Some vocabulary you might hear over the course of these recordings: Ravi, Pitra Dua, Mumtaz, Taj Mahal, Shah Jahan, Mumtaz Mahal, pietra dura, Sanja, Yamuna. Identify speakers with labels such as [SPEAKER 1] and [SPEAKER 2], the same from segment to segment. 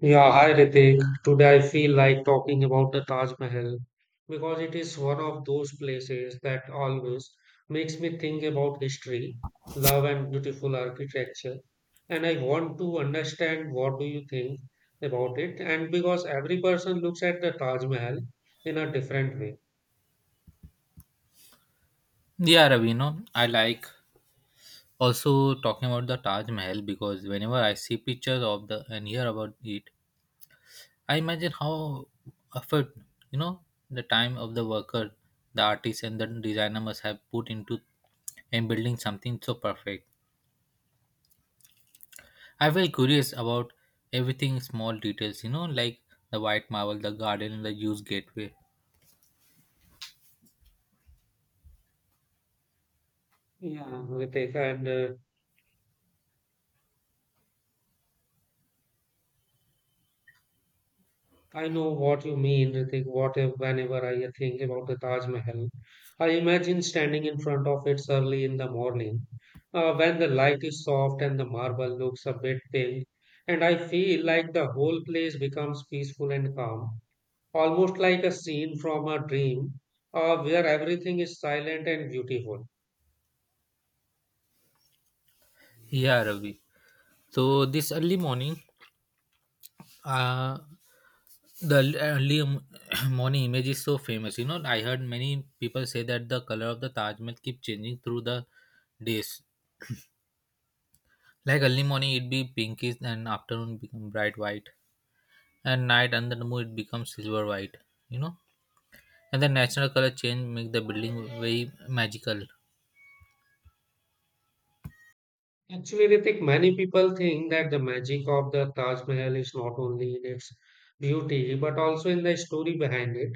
[SPEAKER 1] Yeah, hi Ritik. Today I feel like talking about the Taj Mahal because it is one of those places that always makes me think about history, love, and beautiful architecture. And I want to understand what do you think about it, and because every person looks at the Taj Mahal in a different way.
[SPEAKER 2] Yeah, Ravino, I like also talking about the Taj Mahal because whenever I see pictures of the and hear about it, I imagine how effort, you know, the time of the worker, the artist, and the designer must have put into in building something so perfect. I feel curious about everything small details, like the white marble, the garden, and the used gateway.
[SPEAKER 1] Yeah, Ritik, and I know what you mean, Ritik. What if, whenever I think about the Taj Mahal, I imagine standing in front of it early in the morning, when the light is soft and the marble looks a bit pink, and I feel like the whole place becomes peaceful and calm, almost like a scene from a dream, where everything is silent and beautiful.
[SPEAKER 2] Yeah, Ravi. So this early morning, Uh, the early m- morning image is so famous. You know, I heard many people say that the color of the Taj Mahal keep changing through the days. Like early morning, it be pinkish, and afternoon become bright white, and night under the moon it becomes silver white. You know, and the natural color change make the building very magical.
[SPEAKER 1] Actually, Ritik, many people think that the magic of the Taj Mahal is not only in its beauty but also in the story behind it.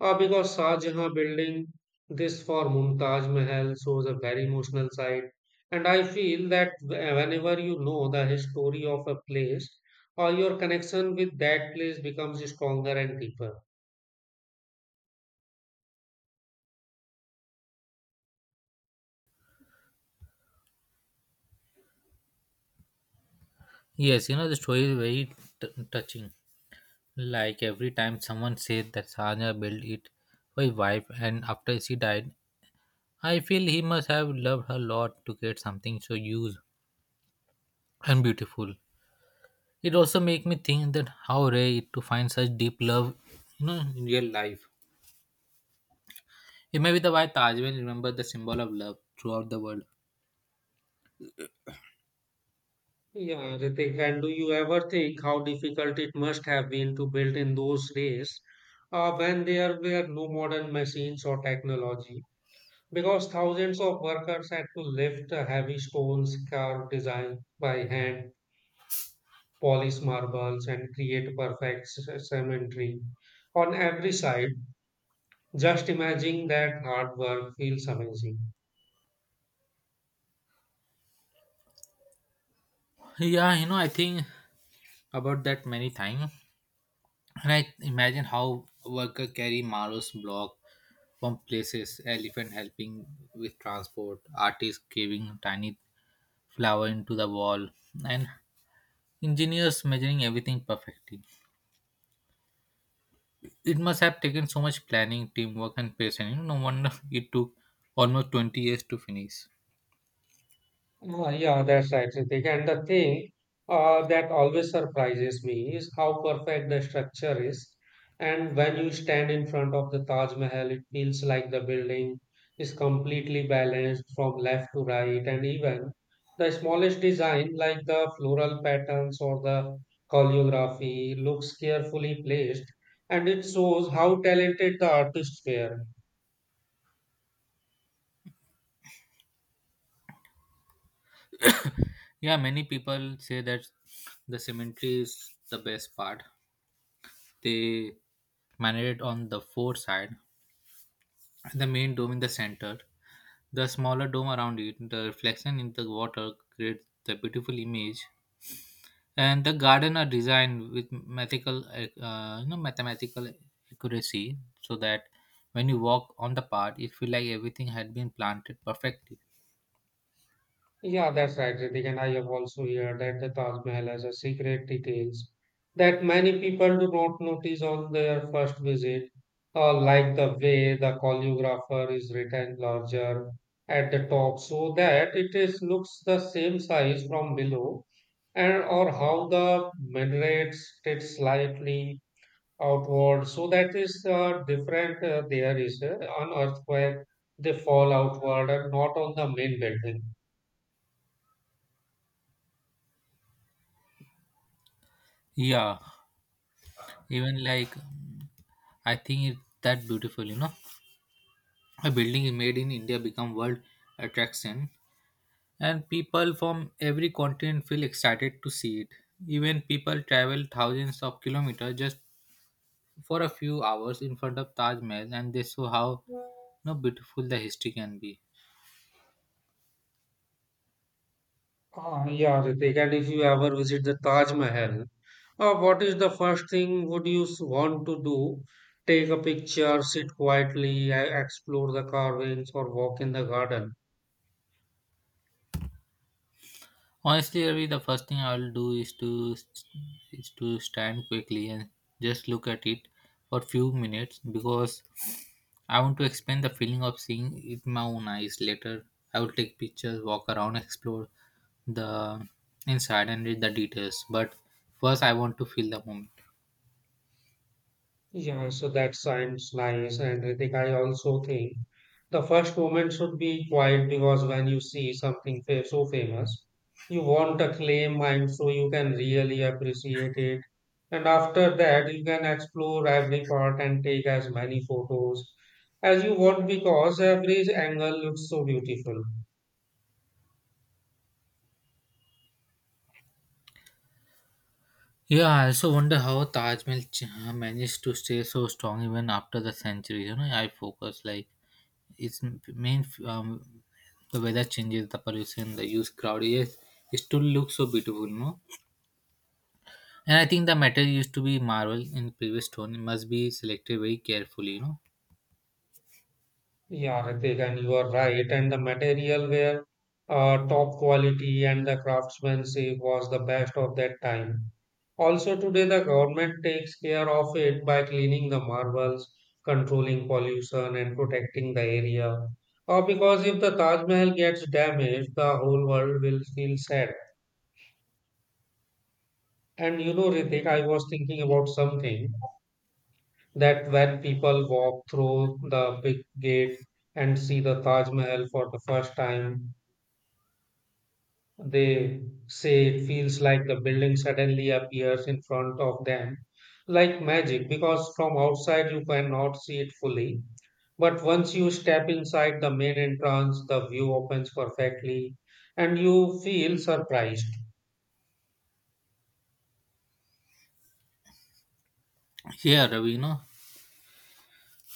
[SPEAKER 1] Because Shah Jahan building this for Mumtaz Mahal shows a very emotional side, and I feel that whenever you know the history of a place, your connection with that place becomes stronger and deeper.
[SPEAKER 2] Yes, you know the story is very touching. Like every time someone said that Sanja built it for his wife, and after she died, I feel he must have loved her a lot to get something so huge and beautiful. It also makes me think that how rare it to find such deep love you know, in real life. It may be the why Taj Mahal remembered the symbol of love throughout the world.
[SPEAKER 1] Yeah, Ritik, and do you ever think how difficult it must have been to build in those days when there were no modern machines or technology? Because thousands of workers had to lift heavy stones, carve design by hand, polish marbles, and create perfect cemetery on every side. Just imagining that hard work feels amazing.
[SPEAKER 2] Yeah, you know, I think about that many times. And I imagine how worker carry Maro's block from places, elephant helping with transport, artists carving tiny flower into the wall, and engineers measuring everything perfectly. It must have taken so much planning, teamwork, and patience. You know, no wonder it took almost 20 years to finish.
[SPEAKER 1] Ah, yeah, that's right, Ritik. And the thing that always surprises me is how perfect the structure is. And when you stand in front of the Taj Mahal, it feels like the building is completely balanced from left to right. And even the smallest design, like the floral patterns or the choreography, looks carefully placed. And it shows how talented the artists were.
[SPEAKER 2] Yeah, many people say that the cemetery is the best part. They manage it on the four side, the main dome in the center, the smaller dome around it. The reflection in the water creates the beautiful image, and the garden are designed with mathematical you know mathematical accuracy so that when you walk on the path it feel like everything had been planted perfectly.
[SPEAKER 1] Yeah, that's right, Ritik. And I have also heard that the Taj Mahal has a secret details that many people do not notice on their first visit, like the way the choreographer is written larger at the top so that it is looks the same size from below, and or how the minarets sit slightly outward. So that is different. There is on earthquake they fall outward and not on the main building.
[SPEAKER 2] Yeah, even like I think it's that beautiful, you know, a building made in India become world attraction, and people from every continent feel excited to see it. Even people travel thousands of kilometers just for a few hours in front of Taj Mahal, and they saw how, you know, beautiful the history can be.
[SPEAKER 1] Ah, yeah, Ritik. And if you ever visit the Taj Mahal, what is the first thing would you want to do? Take a picture, sit quietly, explore the carvings, or walk in the garden?
[SPEAKER 2] Honestly, Ravi, the first thing I will do is to stand quickly and just look at it for few minutes because I want to experience the feeling of seeing it with my own eyes. Later, I will take pictures, walk around, explore the inside and read the details. But first, I want to feel the moment.
[SPEAKER 1] Yeah, so that sounds nice. And Ritik, I also think the first moment should be quiet because when you see something fa so famous, you want a claim and so you can really appreciate it. And after that, you can explore every part and take as many photos as you want because every angle looks so beautiful.
[SPEAKER 2] Yeah, I also wonder how Taj Mahal managed to stay so strong even after the century. You know, I focus like its main the weather changes, the pollution, the huge crowd. Yes, it still looks so beautiful, no? And I think the metal used to be marble in previous stone. It must be selected very carefully, you know.
[SPEAKER 1] Yeah, Ritik, and you are right. And the material were top quality, and the craftsmanship was the best of that time. Also, today the government takes care of it by cleaning the marbles, controlling pollution, and protecting the area. Because if the Taj Mahal gets damaged, the whole world will feel sad. And you know, Ritik, I was thinking about something that when people walk through the big gate and see the Taj Mahal for the first time, they say it feels like the building suddenly appears in front of them, like magic, because from outside you cannot see it fully. But once you step inside the main entrance, the view opens perfectly and you feel surprised.
[SPEAKER 2] Here, Ravi, you know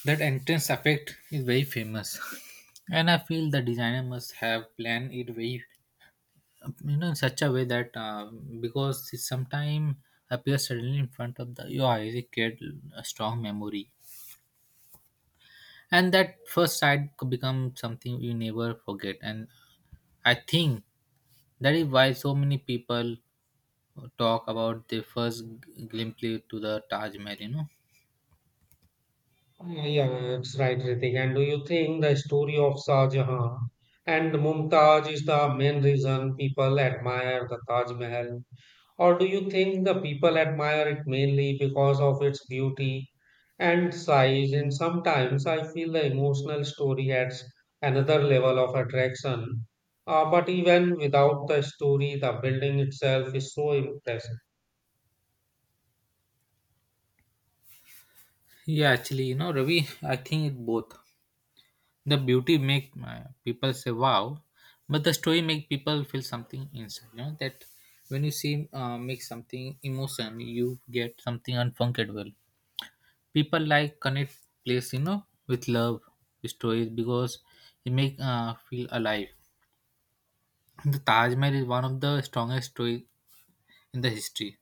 [SPEAKER 2] that entrance effect is very famous, and I feel the designer must have planned it very, you know, in such a way that because it sometime appears suddenly in front of the your eyes it create a strong memory, and that first sight could become something you never forget. And I think that is why so many people talk about their first glimpse to the Taj Mahal, you know.
[SPEAKER 1] Oh, yeah, yeah, that's right, Ritik. And do you think the story of Shah Jahan and Mumtaz is the main reason people admire the Taj Mahal? Or do you think the people admire it mainly because of its beauty and size? And sometimes I feel the emotional story adds another level of attraction. But even without the story, the building itself is so impressive.
[SPEAKER 2] Yeah, actually, you know, Ravi, I think it both. The beauty make people say wow, but the story make people feel something inside. You know that when you see make something emotion, you get something unforgettable. People like connect place, you know, with love stories because it make feel alive. The Taj Mahal is one of the strongest story in the history.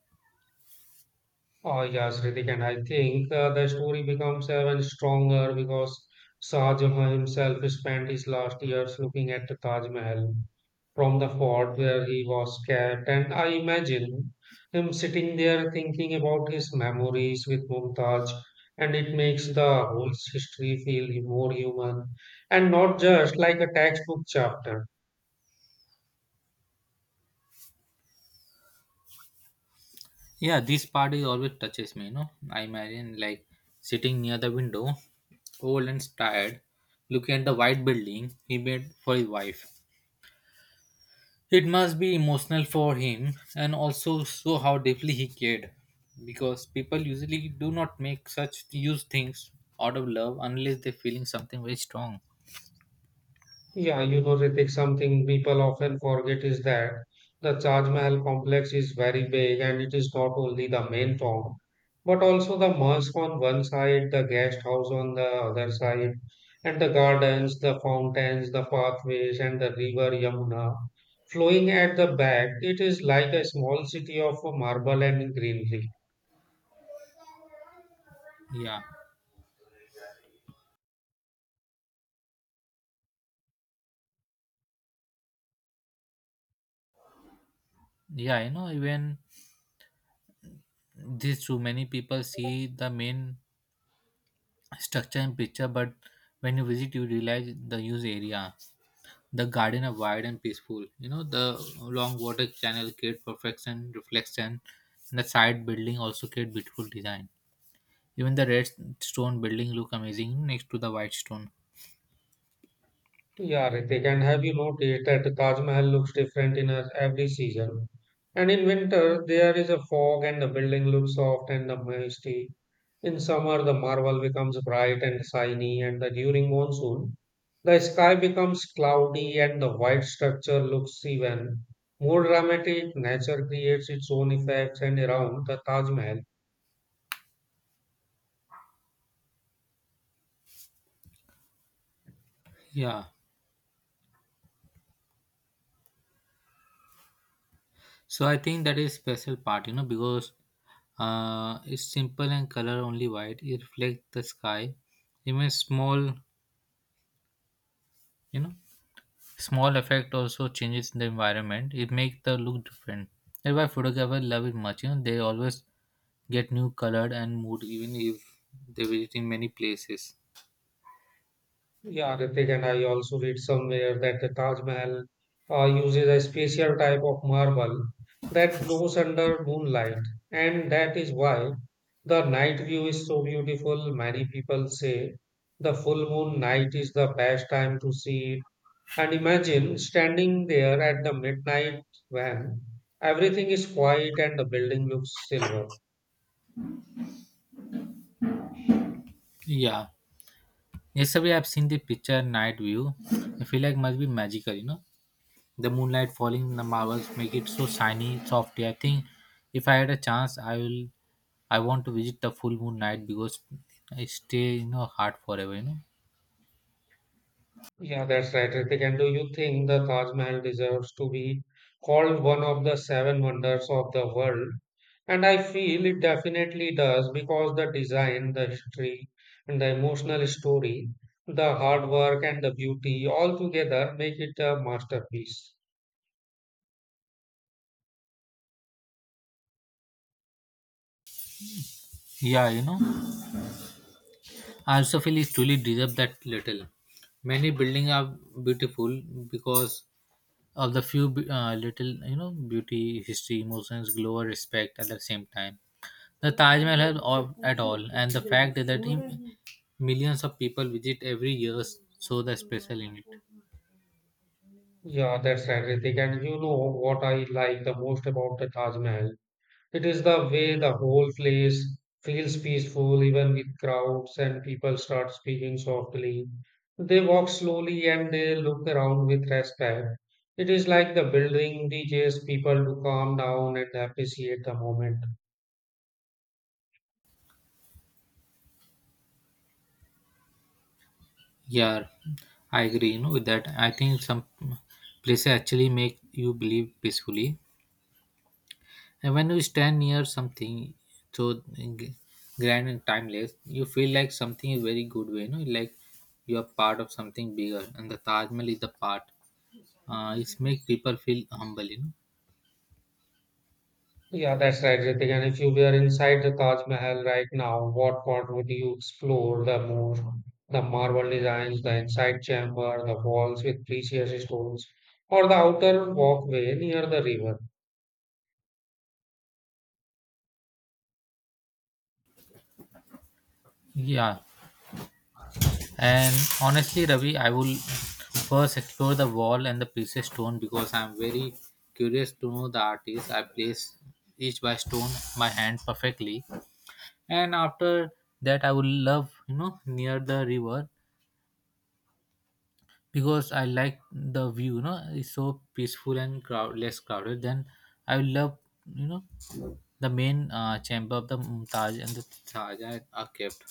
[SPEAKER 1] Oh yes, Ritik, and I think the story becomes even stronger because Shah Jahan himself spent his last years looking at the Taj Mahal from the fort where he was kept, and I imagine him sitting there thinking about his memories with Mumtaz, and it makes the whole history feel more human and not just like a textbook chapter.
[SPEAKER 2] Yeah, this part is always touches me. You know, I imagine like sitting near the window, old and tired, looking at the white building he made for his wife. It must be emotional for him and also show how deeply he cared because people usually do not make such huge things out of love unless they're feeling something very strong.
[SPEAKER 1] Yeah, you know, Ritik, something people often forget is that the Taj Mahal complex is very big and it is not only the main tomb, but also the mosque on one side, the guest house on the other side, and the gardens, the fountains, the pathways, and the river Yamuna flowing at the back. It is like a small city of marble and greenery.
[SPEAKER 2] Yeah. Yeah, you know, even this too many people see the main structure and picture, but when you visit, you realize the huge area. The garden are wide and peaceful. You know, the long water channel create perfection, reflection, and the side building also create beautiful design. Even the red stone building look amazing next to the white stone.
[SPEAKER 1] Yeah, Ritik, and have you noticed that the Taj Mahal looks different in every season? And in winter, there is a fog and the building looks soft and the misty. In summer, the marble becomes bright and shiny, and the, during monsoon, the sky becomes cloudy and the white structure looks even more dramatic. Nature creates its own effects and around the Taj Mahal.
[SPEAKER 2] Yeah. So I think that is special part, you know, because it's simple and color only white. It reflects the sky. Even small, you know, small effect also changes the environment. It makes the look different. That's why photographers love it much. You know, they always get new colored and mood even if they visit in many places.
[SPEAKER 1] Yeah, Ritik, and I also read somewhere that the Taj Mahal uses a special type of marble that glows under moonlight, and that is why the night view is so beautiful. Many people say the full moon night is the best time to see it. And imagine standing there at the midnight when everything is quiet and the building looks silver.
[SPEAKER 2] Yeah. Yesterday I've seen the picture night view. I feel like must be magical, you know. The moonlight falling on the marbles make it so shiny, softy. I think if I had a chance, I will. I want to visit the full moon night because I stay in your heart forever. You know.
[SPEAKER 1] Yeah, that's right, Ritik. And do you think the Taj Mahal deserves to be called one of the seven wonders of the world? And I feel it definitely does because the design, the history, and the emotional story, the hard work and the beauty all together make it a masterpiece.
[SPEAKER 2] Yeah, you know. I also feel it truly deserves that little. Many buildings are beautiful because of the few little you know beauty, history, emotions, glow, or respect at the same time. The Taj Mahal has all, at all, and the fact that him, millions of people visit every year show the special in it.
[SPEAKER 1] Yeah, that's right, Ritik. And you know what I like the most about the Taj Mahal? It is the way the whole place feels peaceful, even with crowds and people start speaking softly. They walk slowly and they look around with respect. It is like the building teaches people to calm down and appreciate the moment.
[SPEAKER 2] Yeah, I agree. You know with that. I think some places actually make you believe peacefully, and when you stand near something so grand and timeless, you feel like something is very good way. You know, like you are part of something bigger, and the Taj Mahal is the part. It makes people feel humble. You know.
[SPEAKER 1] Yeah, that's right, Ritik. And if you were inside the Taj Mahal right now, what part would you explore the more? The marble designs, the inside chamber, the walls with precious stones, or the outer walkway near the river?
[SPEAKER 2] Yeah, and honestly, Ravi, I will first explore the wall and the precious stone because I'm very curious to know the artist. I place each by stone my hand perfectly, and after that, I will love you know near the river because I like the view. You know, it's so peaceful and crowd less crowded. Then I will love, you know, the main chamber of the Mumtaz and the Taja are kept.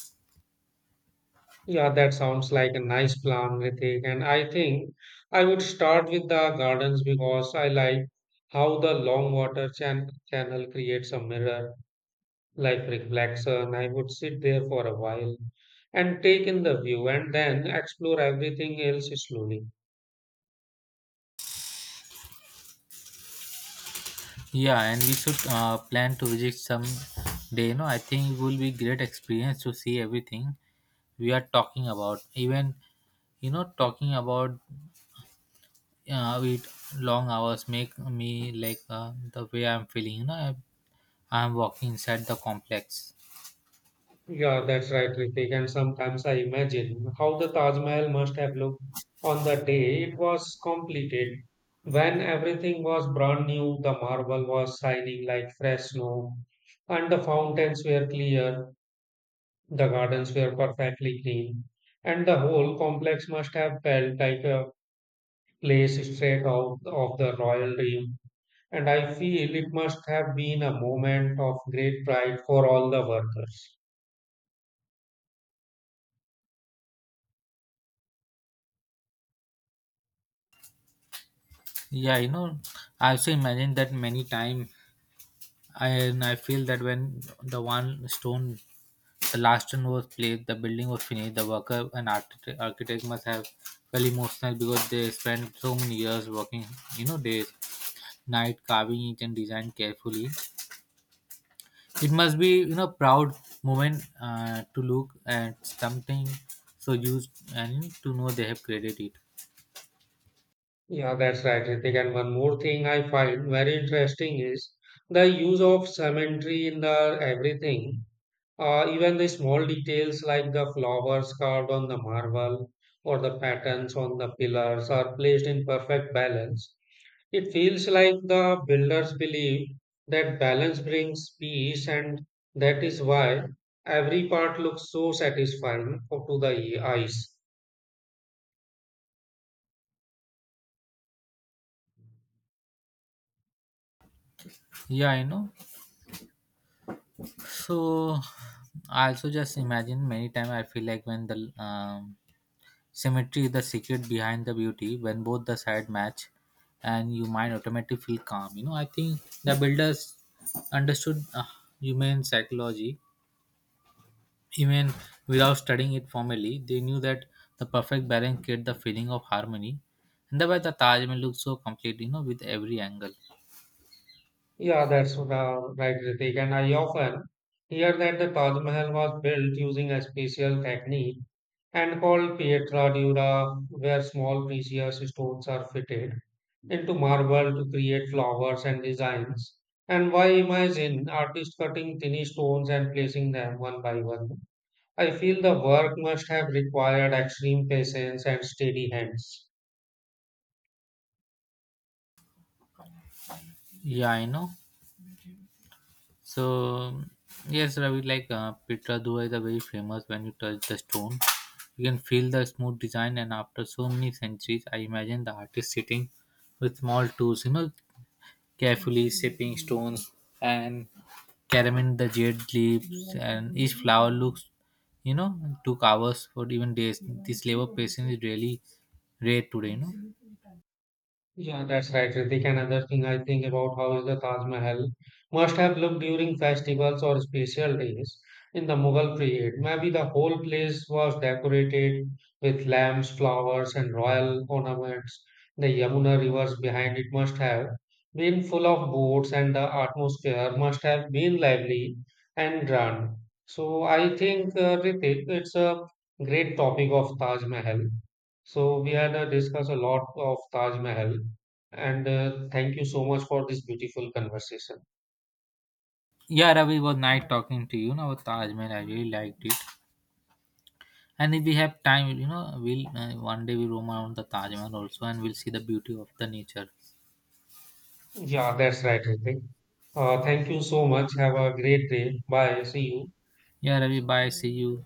[SPEAKER 1] Yeah, that sounds like a nice plan, Ritik. And I think I would start with the gardens because I like how the long water channel creates a mirror like reflection. I would sit there for a while and take in the view and then explore everything else slowly.
[SPEAKER 2] Yeah, and we should plan to visit some day. You know, I think it will be great experience to see everything we are talking about. Even you know, talking about it long hours make me like the way I'm feeling. You know, I'm walking inside the complex.
[SPEAKER 1] Yeah, that's right, Ritik. And sometimes I imagine how the Taj Mahal must have looked on the day it was completed. When everything was brand new, the marble was shining like fresh snow, and the fountains were clear, the gardens were perfectly clean, and the whole complex must have felt like a place straight out of the royal dream. And I feel it must have been a moment of great pride for all the workers.
[SPEAKER 2] Yeah, you know, I also imagine that many time, and I feel that when the last stone was placed, the building was finished. The worker and architect must have felt emotional because they spent so many years working, you know, days, night carving each and design carefully. It must be, you know, proud moment to look at something so used and to know they have created it.
[SPEAKER 1] Yeah, that's right, Ritik. And one more thing I find very interesting is the use of symmetry in the everything. Even the small details like the flowers carved on the marble or the patterns on the pillars are placed in perfect balance. It feels like the builders believe that balance brings peace, and that is why every part looks so satisfying to the eyes.
[SPEAKER 2] Yeah, I know. So I also just imagine many times I feel like when the symmetry is the secret behind the beauty when both the side match and you mind automatically feel calm. You know, I think the builders understood human psychology even without studying it formally. They knew that the perfect balance creates the feeling of harmony. And that's why the Taj Mahal looks so complete, you know, with every angle.
[SPEAKER 1] Yeah, that's right, Ritik. And I often hear that the Taj Mahal was built using a special technique and called pietra dura, where small precious stones are fitted into marble to create flowers and designs. And why imagine artists cutting tiny stones and placing them one by one? I feel the work must have required extreme patience and steady hands.
[SPEAKER 2] Yeah, I know. So yes, Ravi, like Pitra Dua is a very famous. When you touch the stone, you can feel the smooth design. And after so many centuries, I imagine the artist sitting with small tools, you know, carefully shaping stones and carving the jade leaves. And each flower looks, you know, took hours or even days. This labor patience is really rare today. You know.
[SPEAKER 1] Yeah, that's right, Ritik. Another thing I think about how is the Taj Mahal must have looked during festivals or special days in the Mughal period. Maybe the whole place was decorated with lamps, flowers, and royal ornaments. The Yamuna rivers behind it must have been full of boats, and the atmosphere must have been lively and grand. So I think, Ritik, it's a great topic of Taj Mahal. So we had discussed a lot of Taj Mahal, and thank you so much for this beautiful conversation.
[SPEAKER 2] Yeah, Ravi, it was nice talking to you. Now, Taj Mahal, I really liked it. And if we have time, you know, we'll one day we roam around the Taj Mahal also, and we'll see the beauty of the nature.
[SPEAKER 1] Yeah, that's right, Ritik. Thank you so much. Have a great day. Bye. See you.
[SPEAKER 2] Yeah, Ravi, bye. See you.